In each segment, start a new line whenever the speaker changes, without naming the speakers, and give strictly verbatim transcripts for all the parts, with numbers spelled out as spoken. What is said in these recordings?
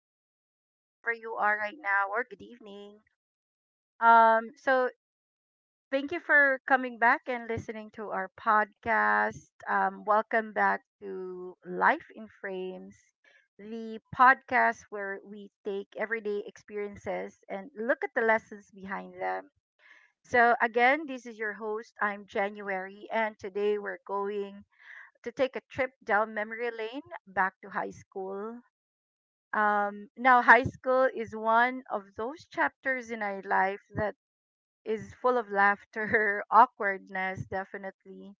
afternoon, wherever you are right now, or good evening. Um, so thank you for coming back and listening to our podcast. Um, welcome back to Life in Frames, the podcast where we take everyday experiences and look at the lessons behind them. So again, this is your host. I'm January, and today we're going to take a trip down memory lane back to high school. Um, now, high school is one of those chapters in our life that is full of laughter, awkwardness, definitely,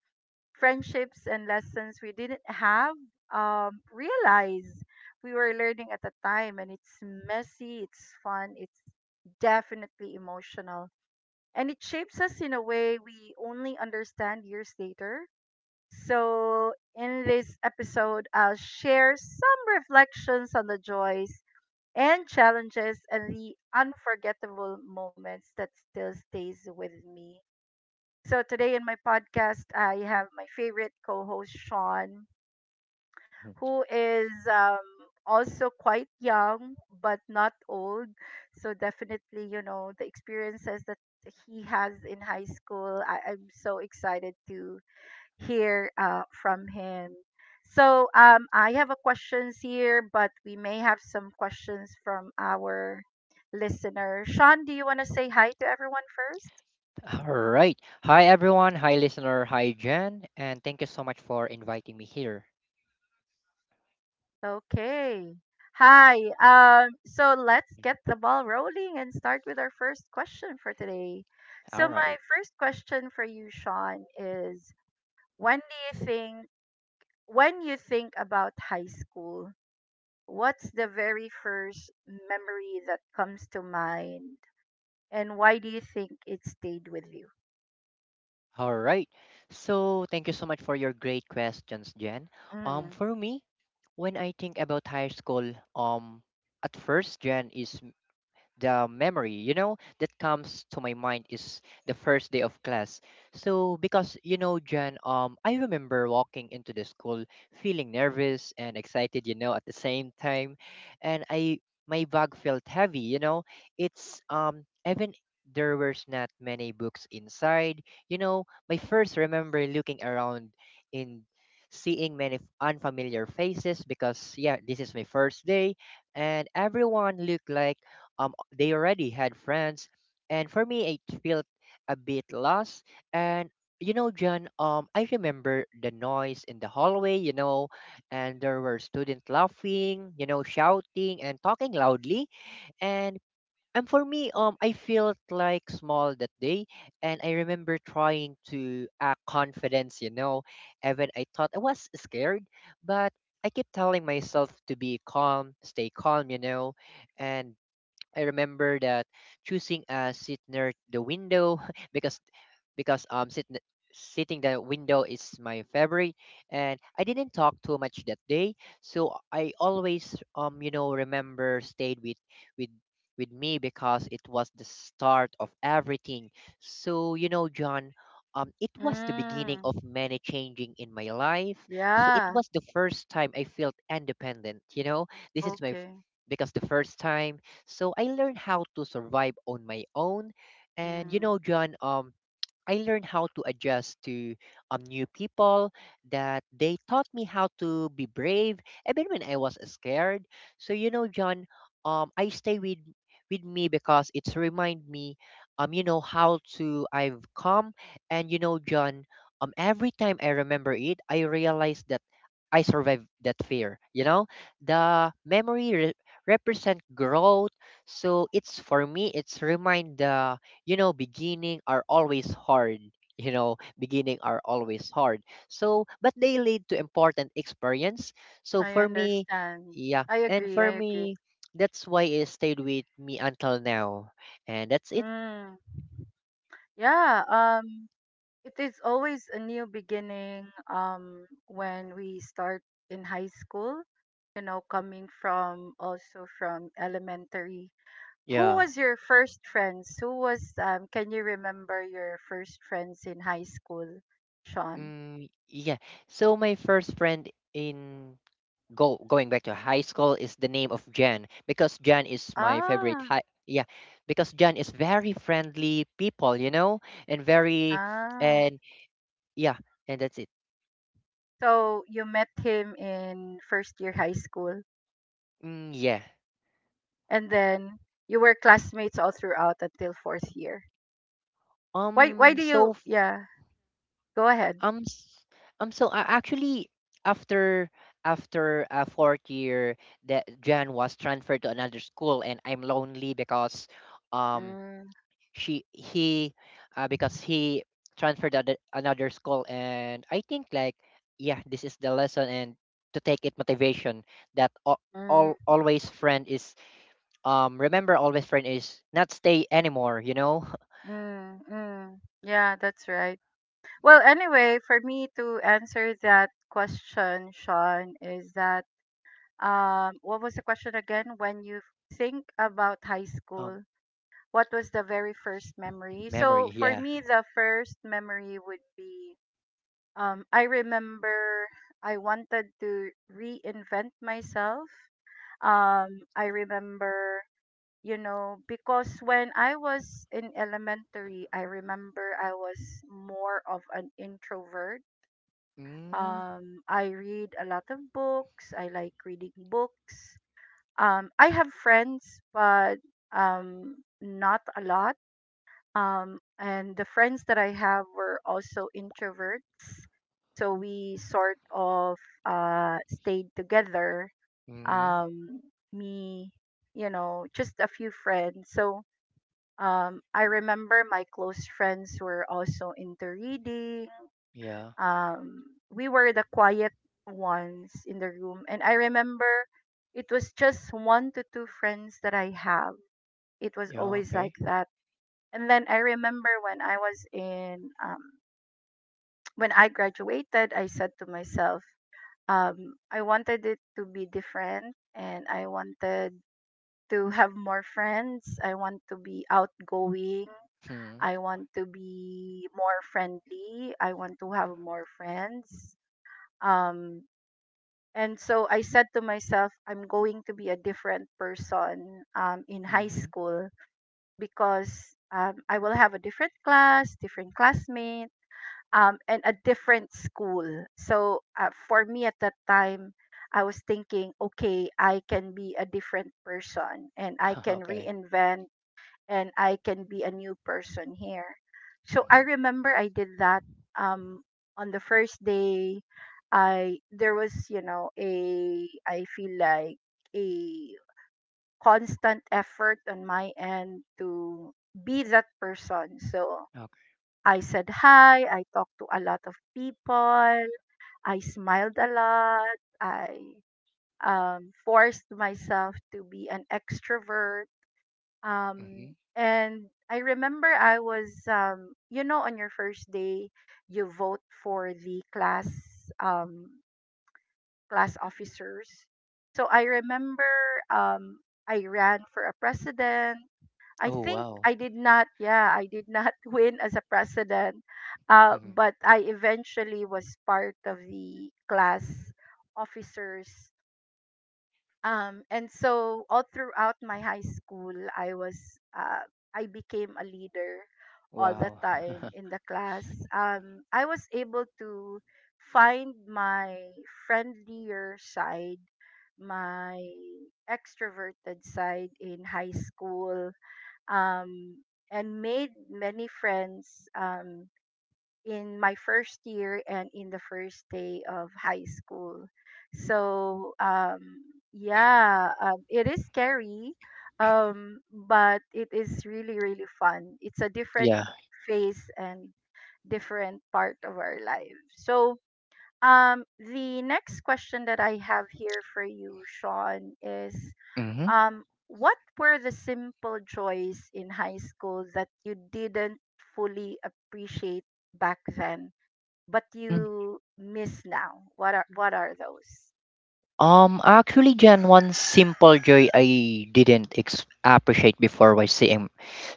friendships, and lessons we didn't have um, realize we were learning at the time. And it's messy, it's fun, it's definitely emotional. And it shapes us in a way we only understand years later. So, in this episode, I'll share some reflections on the joys and challenges and the unforgettable moments that still stays with me. So today in my podcast, I have my favorite co-host Sean, who is um, also quite young but not old. So definitely, you know, the experiences that he has in high school, I, I'm so excited to hear uh, from him. So um, I have a questions here, but we may have some questions from our listener. Sean, do you want to say hi to everyone first?
All right. Hi, everyone. Hi, listener. Hi, Jen. And thank you so much for inviting me here.
Okay. Hi. Um, so let's
Mm.
get the ball rolling and start with our first question for today. So
All
my
right.
first question for you, Sean, is when do you think when you think about high school, what's the very first memory that comes to mind, and why do you think it stayed with you?
All right. So, thank you so much for your great questions, Jen. Um,
Mm.
for me, when I think about high school, um, at first, Jen, is the memory you know that comes to my mind is the first day of class. So because you know Jen, um I remember walking into the school, feeling nervous and excited, you know at the same time. And, I my bag felt heavy, you know it's um Even there was not many books inside, you know my first remember looking around, in seeing many f- unfamiliar faces because yeah, this is my first day. And everyone looked like, um they already had friends, and for me, it felt a bit lost. And, you know John, um I remember the noise in the hallway, you know and there were students laughing, you know shouting and talking loudly. And and for me, um I felt like small that day. And I remember trying to act confidence, you know even I thought I was scared. But I kept telling myself to be calm, stay calm, you know And I remember that choosing a seat near the window because because um sit, n- sitting the window is my favorite. And I didn't talk too much that day. So I always, um you know remember stayed with with with me because it was the start of everything. So, you know John, um it was the beginning
Mm.
of many changing in my life. So it
Yeah.
was the first time I felt independent, you know this is my f-
Okay.
because the first time, so I learned how to survive on my own. And, you
Mm.
know, John, um, I learned how to adjust to, um, new people, that they taught me how to be brave even when I was scared. So, you know, John, um, I stay with with me because it's remind me, um you know how to I've come. And, you know John, um every time I remember it, I realize that I survived that fear. You know, the memory re- represent growth. So, it's for me, it's remind the, you know beginning are always hard. You know, beginning are always hard. So, but they lead to important experience. So
I
for me,
understand.
yeah,
I
and
agree. I
for
agree.
me, that's why it stayed with me until now. And that's it.
Mm. Yeah. Um. It is always a new beginning. Um. When we start in high school, you know, coming from also from elementary. Who
Yeah.
was your first friends? Who was um Can you remember your first friends in high school, Sean?
Mm, yeah. So my first friend in, go going back to high school is the name of Jan, because Jan is my favorite,
Ah,
high, yeah. Because Jan is very friendly people, you know and very,
ah.
and yeah, and that's it.
So you met him in first year high school
Mm, yeah.
and then you were classmates all throughout until fourth year. Why why
um
do
so
you,
f-
yeah, go ahead.
um s- um so I actually, after after a fourth year, that Jan was transferred to another school, and I'm lonely because, um
Mm,
she, he, uh, because he transferred at another school. And I think like, yeah, this is the lesson and to take it motivation, that all,
mm,
all always friend is, um remember always friend is not stay anymore, you know
mm, mm. Yeah, that's right. Well, anyway, for me to answer that question, Sean, is that. Um, what was the question again? When you think about high
um
school, what was the very first memory? So
Memory,
for
yeah.
me, the first memory would be, um, I remember I wanted to reinvent myself. Um, I remember, you know, because when I was in elementary, I remember I was more of an introvert.
Mm.
Um, I read a lot of books. I like reading books um, I have friends, but um, not a lot. Um, and the friends that I have were also introverts. So we sort of uh, stayed together.
Mm-hmm.
Um, me, you know, just a few friends. So um, I remember my close friends were also into reading
Yeah.
um, we were the quiet ones in the room. And I remember it was just one to two friends that I have. It was
Yeah.
always like
Okay.
that. And then I remember when I was in, um, when I graduated, I said to myself, um, I wanted it to be different and I wanted to have more friends. I want to be outgoing.
Hmm.
I want to be more friendly. I want to have more friends. Um, And so I said to myself, I'm going to be a different person um, in high
Mm-hmm.
school because um, I will have a different class, different classmate, um, and a different school. So uh, for me at that time, I was thinking, okay, I can be a different person and I can
Okay.
reinvent and I can be a new person here. So I
Mhm.
remember I did that um on the first day. I There was, you know, a I feel like a constant effort on my end to be that person. So
Okay.
I said hi, I talked to a lot of people, I smiled a lot, I um, forced myself to be an extrovert, um,
Hmm.
and I remember I was, um, you know, on your first day, you vote for the class, um, class officers. So I remember, um, I ran for a president. I
Oh
think
wow.
I did not, yeah, I did not win as a president, uh,
Mhm.
but I eventually was part of the class officers, um, and so all throughout my high school, I was uh, I became a leader all the
Wow.
time in the class. Um, I was able to find my friendlier side, my extroverted side in high school, um, and made many friends. Um, in my first year and in the first day of high school. So um, yeah, um, it is scary, um, but it is really really fun. It's a different
Yeah.
phase and different part of our life. So um, the next question that I have here for you, Sean, is,
Mm hmm.
um, what were the simple joys in high school that you didn't fully appreciate back then, but you miss now? What are what are those?
Um, actually, Jan, one simple joy I didn't ex appreciate before was seeing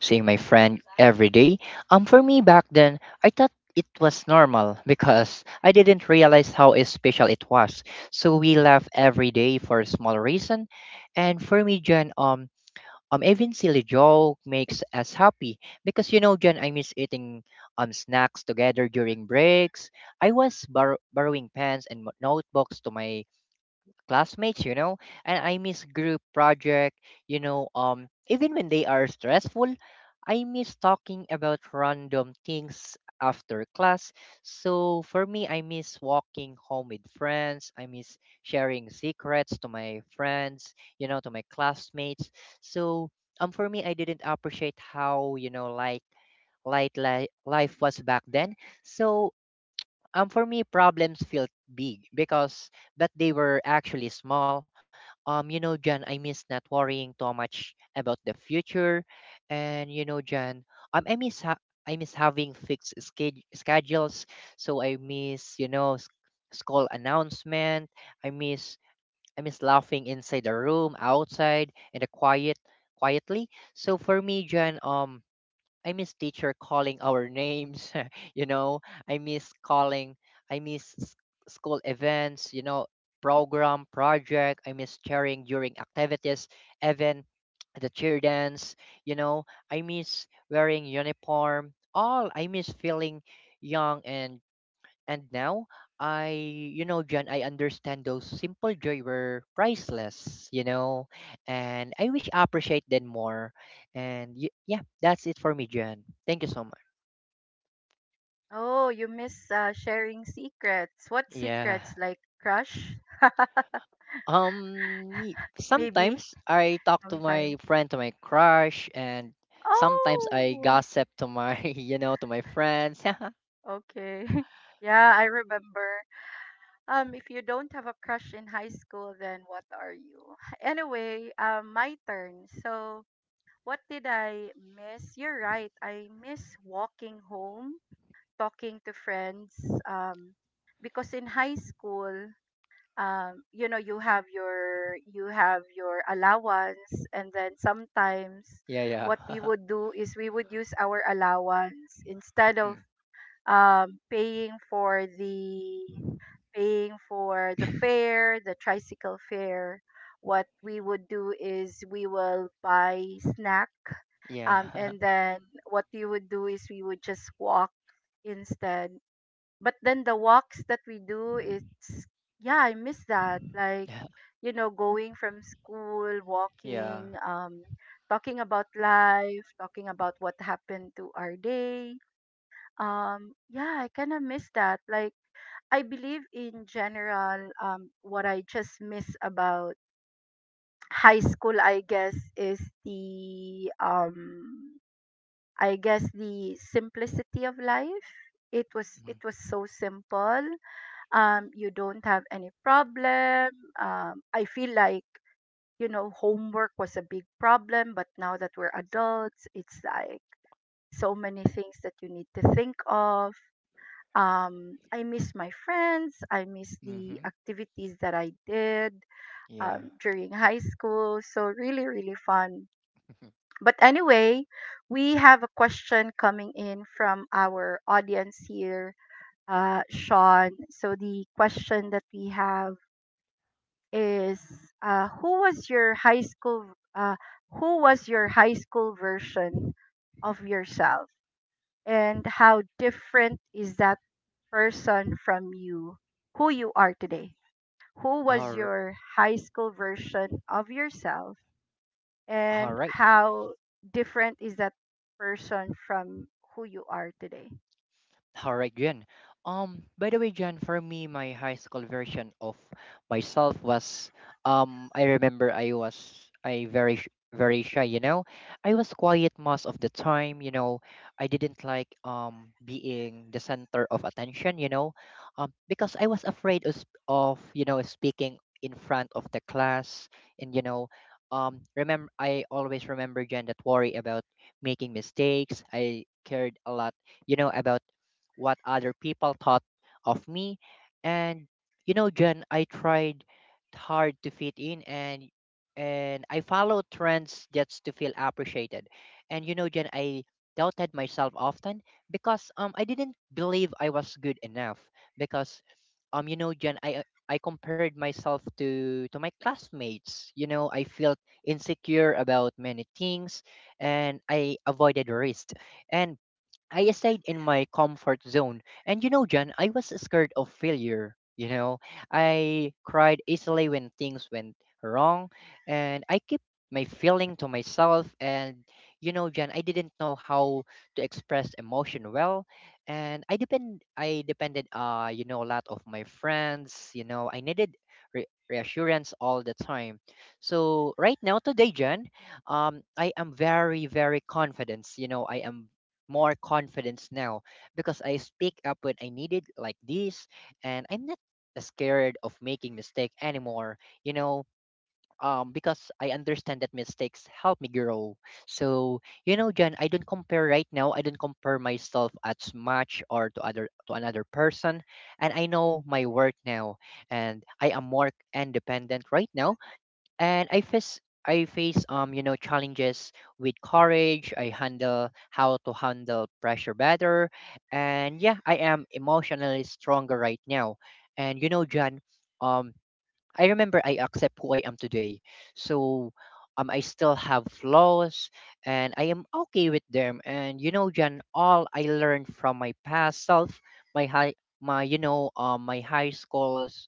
seeing my friend every day. Um, for me back then, I thought it was normal because I didn't realize how special it was. So we laugh every day for a small reason, and for me, Jan, um, um, even silly joke makes us happy, because you know, Jan, I miss eating um snacks together during breaks. I was bor borrowing pens and mo- notebooks to my classmates, you know, and I miss group project, you know, um even when they are stressful. I miss talking about random things after class. So for me, I miss walking home with friends. I miss sharing secrets to my friends, you know, to my classmates. So, um for me, I didn't appreciate how, you know, like, light li- life was back then. So, um for me, problems felt big because, but they were actually small. um you know John, I miss not worrying too much about the future. And, you know John, um i miss ha- I miss having fixed sched- schedules. So I miss, you know s- school announcement. I miss i miss laughing inside the room, outside, in the quiet quietly. So for me, John, um I miss teacher calling our names, you know. I miss calling, I miss s- school events, you know, program, project. I miss sharing during activities, even the cheer dance, you know. I miss wearing uniform. All I miss feeling young, and and now, I, you know, John, I understand those simple joy were priceless, you know, and I wish I appreciate them more. And, y- yeah, that's it for me, John. Thank you so much.
Oh, you miss uh, sharing secrets. What
Yeah.
secrets? Like crush?
Um, me-
Maybe
sometimes I talk to
sometimes.
my friend, to my crush, and sometimes I
Oh,
gossip to my, you know, to my friends.
okay. Yeah, I remember. Um, if you don't have a crush in high school, then what are you? Anyway, um, my turn. So, what did I miss? You're right. I miss walking home, talking to friends. Um, because in high school, um, you know, you have your you have your allowance, and then sometimes
Yeah,
what we
yeah.
would do is we would use our allowance instead of,
Mm,
um, paying for the paying for the fare, the tricycle fare. What we would do is we will buy snack, um,
yeah.
and then what we would do is we would just walk instead, but then the walks that we do is — yeah, I miss that. Like, you know, going from school, walking,
Yeah.
um talking about life, talking about what happened to our day. Um yeah, I kind of miss that. Like, I believe in general, um what I just miss about high school, I guess, is the um I guess the simplicity of life. It was
Mm-hmm.
it was so simple. Um, you don't have any problem. Um, I feel like, you know, homework was a big problem, but now that we're adults, it's like so many things that you need to think of. Um, I miss my friends. I miss the
Mm-hmm.
activities that I did
Yeah.
um, during high school. So, really, really fun. But anyway, we have a question coming in from our audience here, uh, Sean. So, the question that we have is, uh, who was your high school uh, who was your high school version of yourself, and how different is that person from you who you are today? Who was
All,
your high school version of yourself,
all
and
right.
how different is that person from who you are today?
All right, Jen. Um, by the way, Jen, for me, my high school version of myself was, um, I remember I was, I very sh- very shy. You know, I was quiet most of the time. You know, I didn't like, um being the center of attention. You know, um, because I was afraid of, sp- of you know speaking in front of the class. And, you know, um, remember I always remember Jen, that worry about making mistakes. I cared a lot, you know about what other people thought of me. And, you know, Jen, I tried hard to fit in, and and I followed trends just to feel appreciated. And, you know, Jen, I doubted myself often because, um I didn't believe I was good enough, because, um you know, Jen, I I compared myself to to my classmates. You know, I felt insecure about many things, and I avoided risk. And I stayed in my comfort zone. And, you know, Jan, I was scared of failure. You know, I cried easily when things went wrong. And I kept my feeling to myself. And, you know, Jan, I didn't know how to express emotion well. And I depend, I depended, uh, you know, a lot of my friends. You know, I needed re- reassurance all the time. So right now, today, Jan, um, I am very, very confident. You know, I am more confidence now because I speak up when I need it like this, and I'm not scared of making mistake anymore, you know um because I understand that mistakes help me grow. So, you know John, I don't compare right now I don't compare myself as much, or to other, to another person. And I know my worth now, and I am more independent right now. And I face I face, um you know challenges with courage. I handle how to handle pressure better, and yeah, I am emotionally stronger right now. And, you know, John, um, I remember I accept who I am today. So, um, I still have flaws, and I am okay with them. And, you know, Jan, all I learned from my past self, my high, my you know, um, my high schools,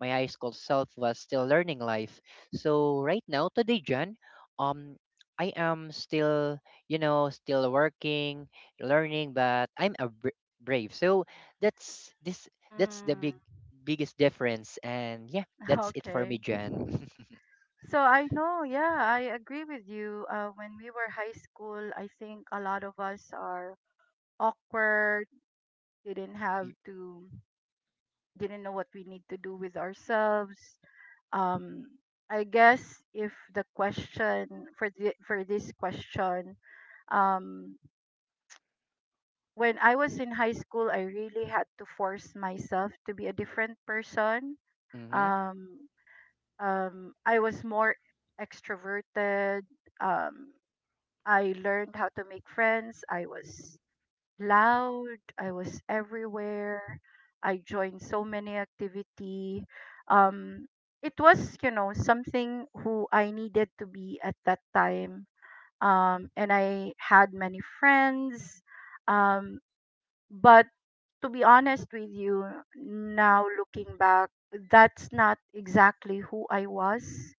my high school self was still learning life. So right now, today, Jan, um, I am still, you know, still working, learning, but I'm a br- brave. So that's this. That's the big
Mm.
biggest difference. And yeah, that's it for
Okay.
me, Jen.
So I know, yeah, I agree with you. Uh, when we were high school, I think a lot of us are awkward, didn't have to, didn't know what we need to do with ourselves. Um, I guess if the question for the, for this question, um, when I was in high school, I really had to force myself to be a different person.
Mm-hmm.
Um, um, I was more extroverted. Um, I learned how to make friends. I was loud. I was everywhere. I joined so many activity. Um, it was, you know, something who I needed to be at that time. Um, and I had many friends. Um, but to be honest with you, now looking back, that's not exactly who I was,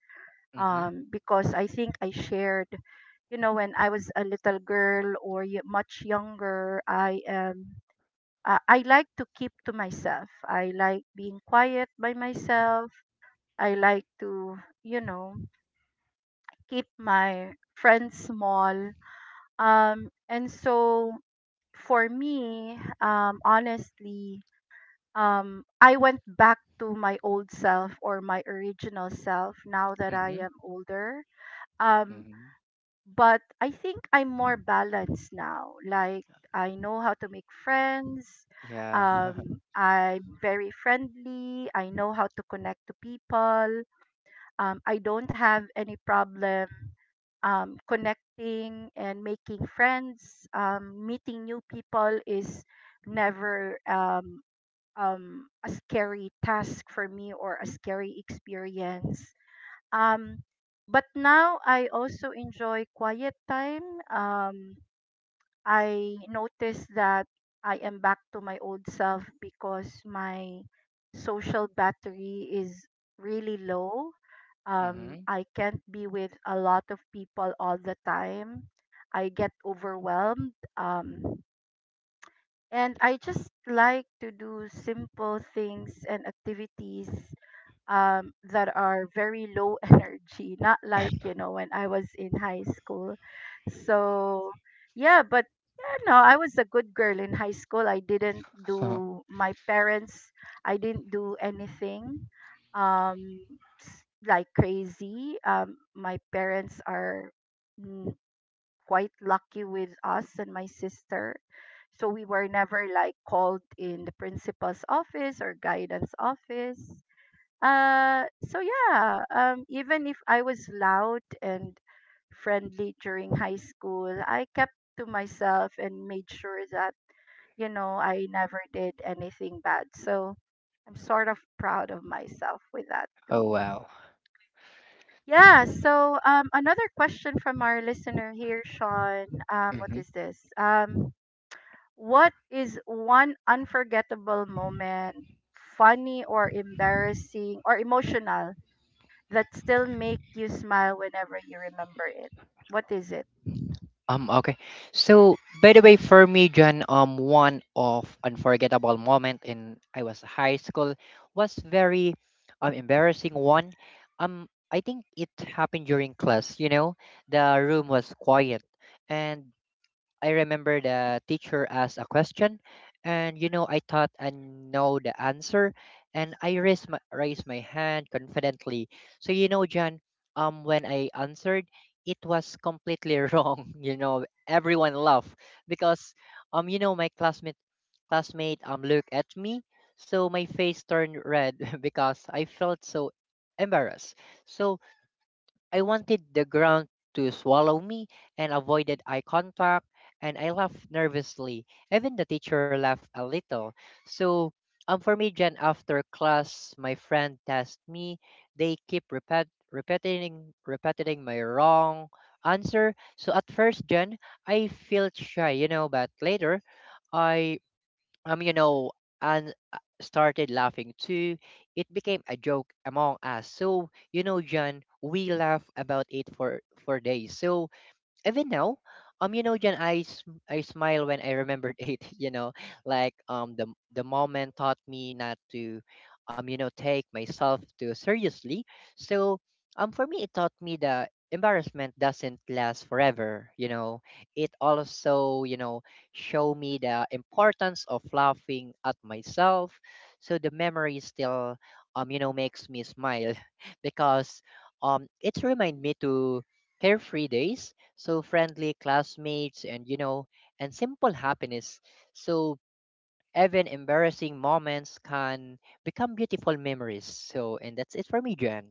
Mm-hmm.
um, because I think I shared, you know, when I was a little girl or y- much younger, I am. Uh, I like to keep to myself. I like being quiet by
Mm-hmm.
myself. I like to, you know, keep my friends small. Um, and so for me, um, honestly, um, I went back to my old self or my original self now that I
Mm-hmm.
am older. Um,
Mm-hmm.
but I think I'm more balanced now. Like, I know how to make friends.
Yeah.
Um, I'm very friendly. I know how to connect to people. Um, I don't have any problem um, connecting and making friends. Um, meeting new people is never um, um, a scary task for me or a scary experience. Um, but now I also enjoy quiet time. Um, I notice that I am back to my old self because my social battery is really low. Um,
Mm-hmm.
I can't be with a lot of people all the time. I get overwhelmed. Um, and I just like to do simple things and activities um, that are very low energy, not like, you know, when I was in high school. So, yeah, but you know, I was a good girl in high school. I didn't
Oh,
do my parents, I didn't do anything, um, s- like crazy. Um, my parents are, mm, quite lucky with us and my sister. So we were never like called in the principal's office or guidance office. Uh, so yeah, um, even if I was loud and friendly during high school, I kept to myself and made sure that, you know, I never did anything bad. So I'm sort of proud of myself with that
oh
too.
wow.
Yeah, so um, another question from our listener here, Sean. Um, what
Hmm.
is this? Um, what is one unforgettable moment, funny or embarrassing or emotional that still make you smile whenever you remember it? What is it?
Um. Okay. So, by the way, for me, John, um, one of unforgettable moment in I was high school was very, um, embarrassing one. Um, I think it happened during class. You know, the room was quiet, and I remember the teacher asked a question, and, you know, I thought I know the answer, and I raised my, raised my hand confidently. So, you know, John, um, when I answered, it was completely wrong. You know, everyone laughed because, um, you know, my classmate classmate um looked at me, so my face turned red because I felt so embarrassed. So I wanted the ground to swallow me, and avoided eye contact, and I laughed nervously. Even the teacher laughed a little. So, um, for me, Jen, after class, my friend asked me. They keep repet- repeating, repeating my wrong answer. So at first, Jen, I felt shy, you know, but later, I um, you know, and uh, started laughing too. It became a joke among us. So, you know, John, we laugh about it for for days. So, even now, um, you know, Jen, I, sm- I smile when I remembered it. You know, like, um, the the moment taught me not to, um, you know, take myself too seriously. So, um, for me, it taught me that embarrassment doesn't last forever. You know, it also, you know, show me the importance of laughing at myself. So the memory still, um, you know, makes me smile because, um, it's remind me to carefree days, so friendly classmates, and you know and simple happiness. So even embarrassing moments can become beautiful memories. So, and that's it for me, Jen.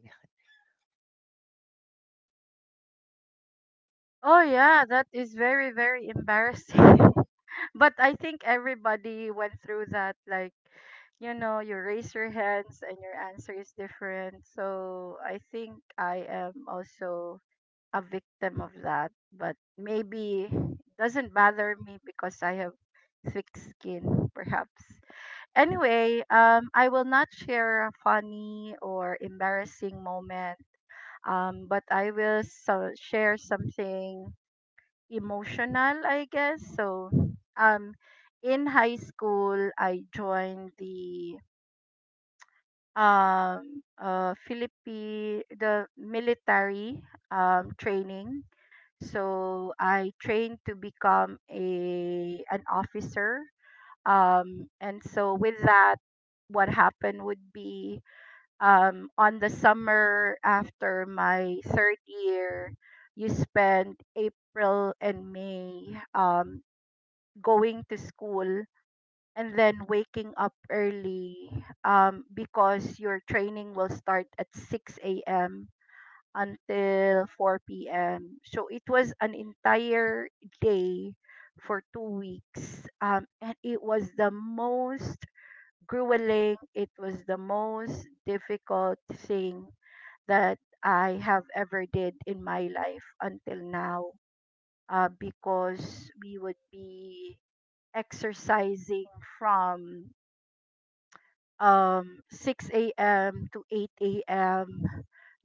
Oh yeah, that is very very embarrassing. but I think everybody went through that, like, you know, you raise your hands and your answer is different. So I think I am also a victim of that, but maybe it doesn't bother me because I have thick skin perhaps. Anyway, um, I will not share a funny or embarrassing moment, um, but I will so- share something emotional, I guess. So, um, in high school, I joined the um, uh, Philippine the military um, training. So I trained to become a an officer, um, and so with that, what happened would be, um, on the summer after my third year, you spend April and May um, going to school and then waking up early um, because your training will start at six a m until four p m. So it was an entire day for two weeks. Um, and it was the most grueling. It was the most difficult thing that I have ever did in my life until now, uh, because we would be exercising from um, six a m to eight a m,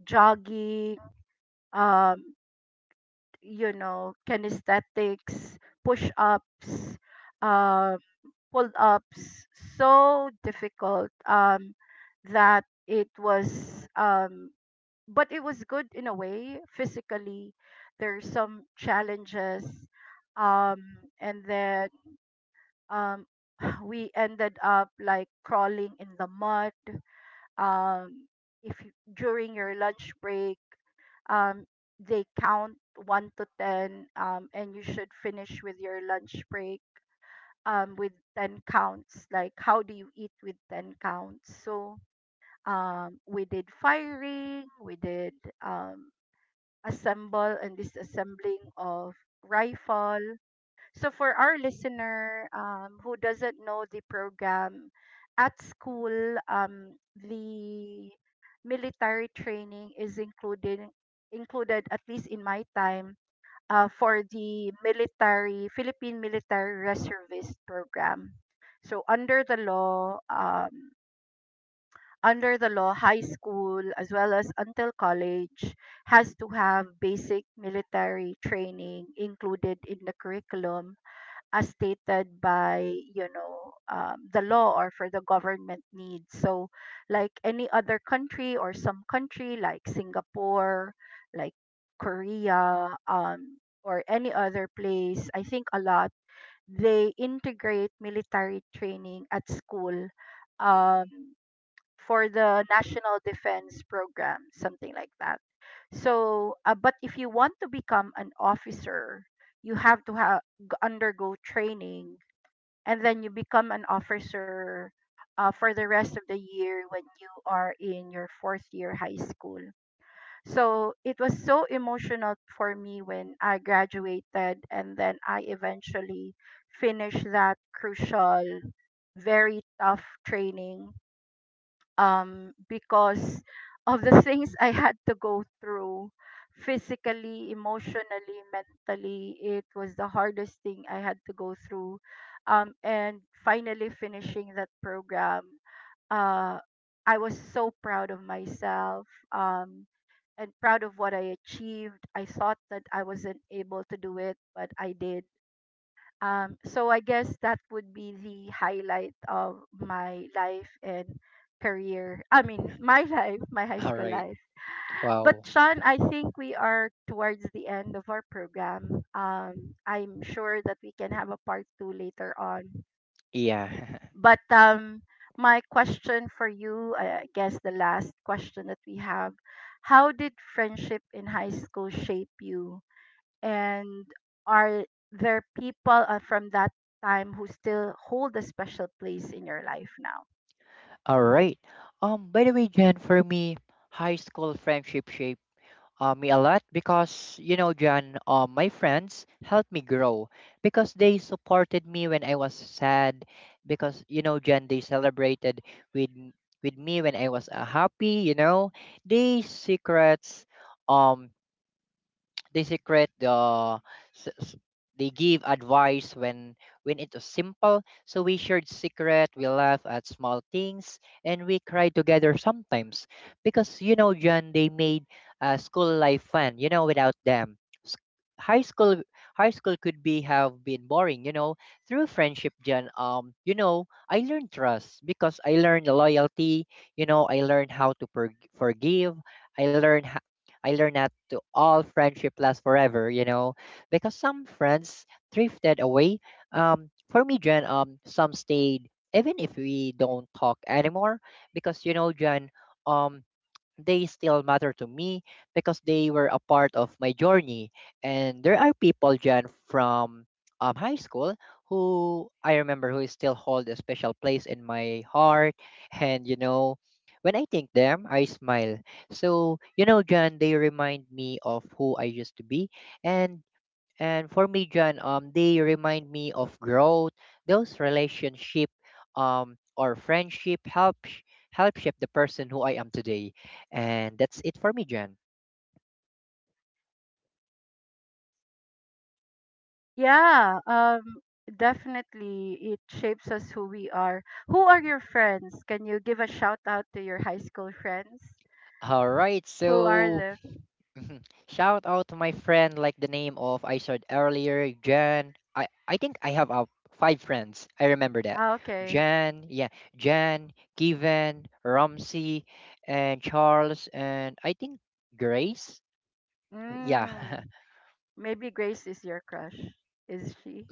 jogging, um, you know, kinesthetics, push ups, pulled up s- so difficult, um, that it was, um, but it was good in a way. Physically, there's some challenges, um, and then um, we ended up like crawling in the mud. Um, if you, during your lunch break, um, they count one to ten, um, and you should finish with your lunch break um, with ten counts. Like, how do you eat with ten counts? So, um, we did firing, we did um, assemble and disassembling of rifle. So, for our listener um, who doesn't know the program, at school, um, the military training is included included at least in my time, uh, for the military Philippine military reservist program. So under the law, um, under the law, high school as well as until college has to have basic military training included in the curriculum as stated by, you know um, the law or for the government needs, so like any other country or some country like Singapore, like Korea, um, or any other place, I think a lot, they integrate military training at school, um, for the national defense program, something like that. So uh, but if you want to become an officer, you have to have undergo training, and then you become an officer uh, for the rest of the year when you are in your fourth year high school. So it was so emotional for me when I graduated, and then I eventually finished that crucial, very tough training, um, because of the things I had to go through physically, emotionally, mentally. It was the hardest thing I had to go through. Um, and finally, finishing that program, uh, I was so proud of myself, um, and proud of what I achieved. I thought that I wasn't able to do it, but I did. Um, so I guess that would be the highlight of my life and career. I mean, my life, my high
All
school
right.
life. But
Wow.
Sean, I think we are towards the end of our program. Um, I'm sure that we can have a part two later on.
Yeah.
But um, my question for you, I guess the last question that we have, how did friendship in high school shape you? And are there people uh, from that time who still hold a special place in your life now?
All right. Um by the way, Jen, for me, high school friendship shaped, uh, me a lot, because, you know John, uh, my friends helped me grow because they supported me when I was sad, because, you know John, they celebrated with with me when I was, uh, happy. You know, these secrets. Um, they secret the s- s- they give advice when, when it was simple. So we shared secret, we laugh at small things, and we cry together sometimes, because, you know John, they made, uh, school life fun, you know without them. s- high school high school could be, have been boring, you know Through friendship, John, um you know I learned trust, because I learned loyalty, you know I learned how to per- forgive. i learned I learned that to all friendship lasts forever, you know, because some friends drifted away. Um, for me, Jen, um, some stayed even if we don't talk anymore, because, you know, Jen, um, they still matter to me because they were a part of my journey. And there are people, Jan, from, um, high school, who I remember, who still hold a special place in my heart. And, you know, when I think them, I smile. So, you know, Jan, they remind me of who I used to be. And and for me, John, um, they remind me of growth. Those relationship, um, or friendship help sh- help shape the person who I am today. And that's it for me, John.
yeah um definitely it shapes us who we are. Who are your friends? Can you give a shout out to your high school friends?
All right,
Who are
so,
they?
shout out to my friend, like the name of I said earlier, Jan. I I think I have, uh, five friends. I remember that.
Ah, okay.
Jan, yeah, Jan, Given, Ramsey, and Charles, and I think Grace. Yeah.
Mm, maybe Grace is your crush. Is she?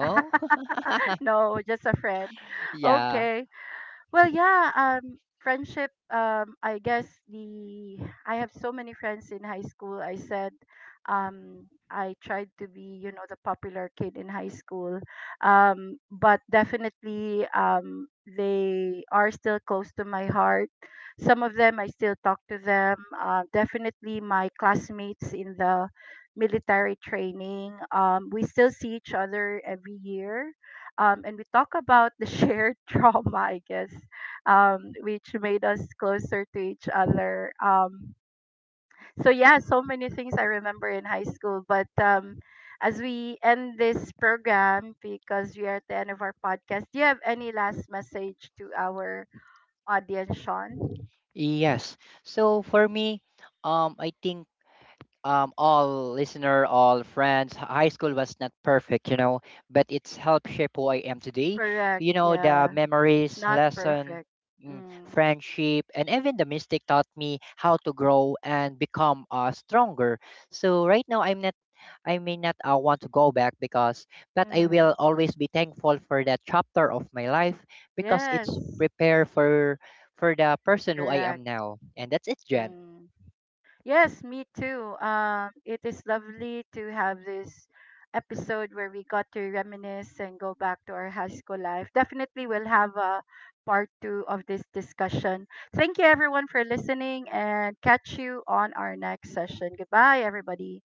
no, just a friend.
Yeah.
Okay. Well, yeah, um, friendship. Um, I guess the I have so many friends in high school. I said, um, I tried to be, you know, the popular kid in high school, um, but definitely, um, they are still close to my heart. Some of them I still talk to them. Uh, definitely, my classmates in the military training. Um, we still see each other every year, um, and we talk about the shared trauma, I guess, um, which made us closer to each other. Um, so yeah, so many things I remember in high school. But um, as we end this program, because we are at the end of our podcast, do you have any last message to our audience, Sean?
Yes. So for me, um I think, um, all listener, all friends, h- high school was not perfect, you know, but it's helped shape who I am today.
Correct.
You know, the
Yeah, it's
memories,
not
lesson,
perfect.
mm,
Mm.
friendship, and even the mistake taught me how to grow and become, uh, stronger. So right now, I'm not. I may not, uh, want to go back because, but I
Mm-hmm.
will always be thankful for that chapter of my life because it's
Yes.
prepare, for for the person who I am
Correct.
now. And that's it, Jen.
Mm. Yes, me too. Um, it is lovely to have this episode where we got to reminisce and go back to our high school life. Definitely, we'll have a part two of this discussion. Thank you, everyone, for listening, and catch you on our next session. Goodbye, everybody.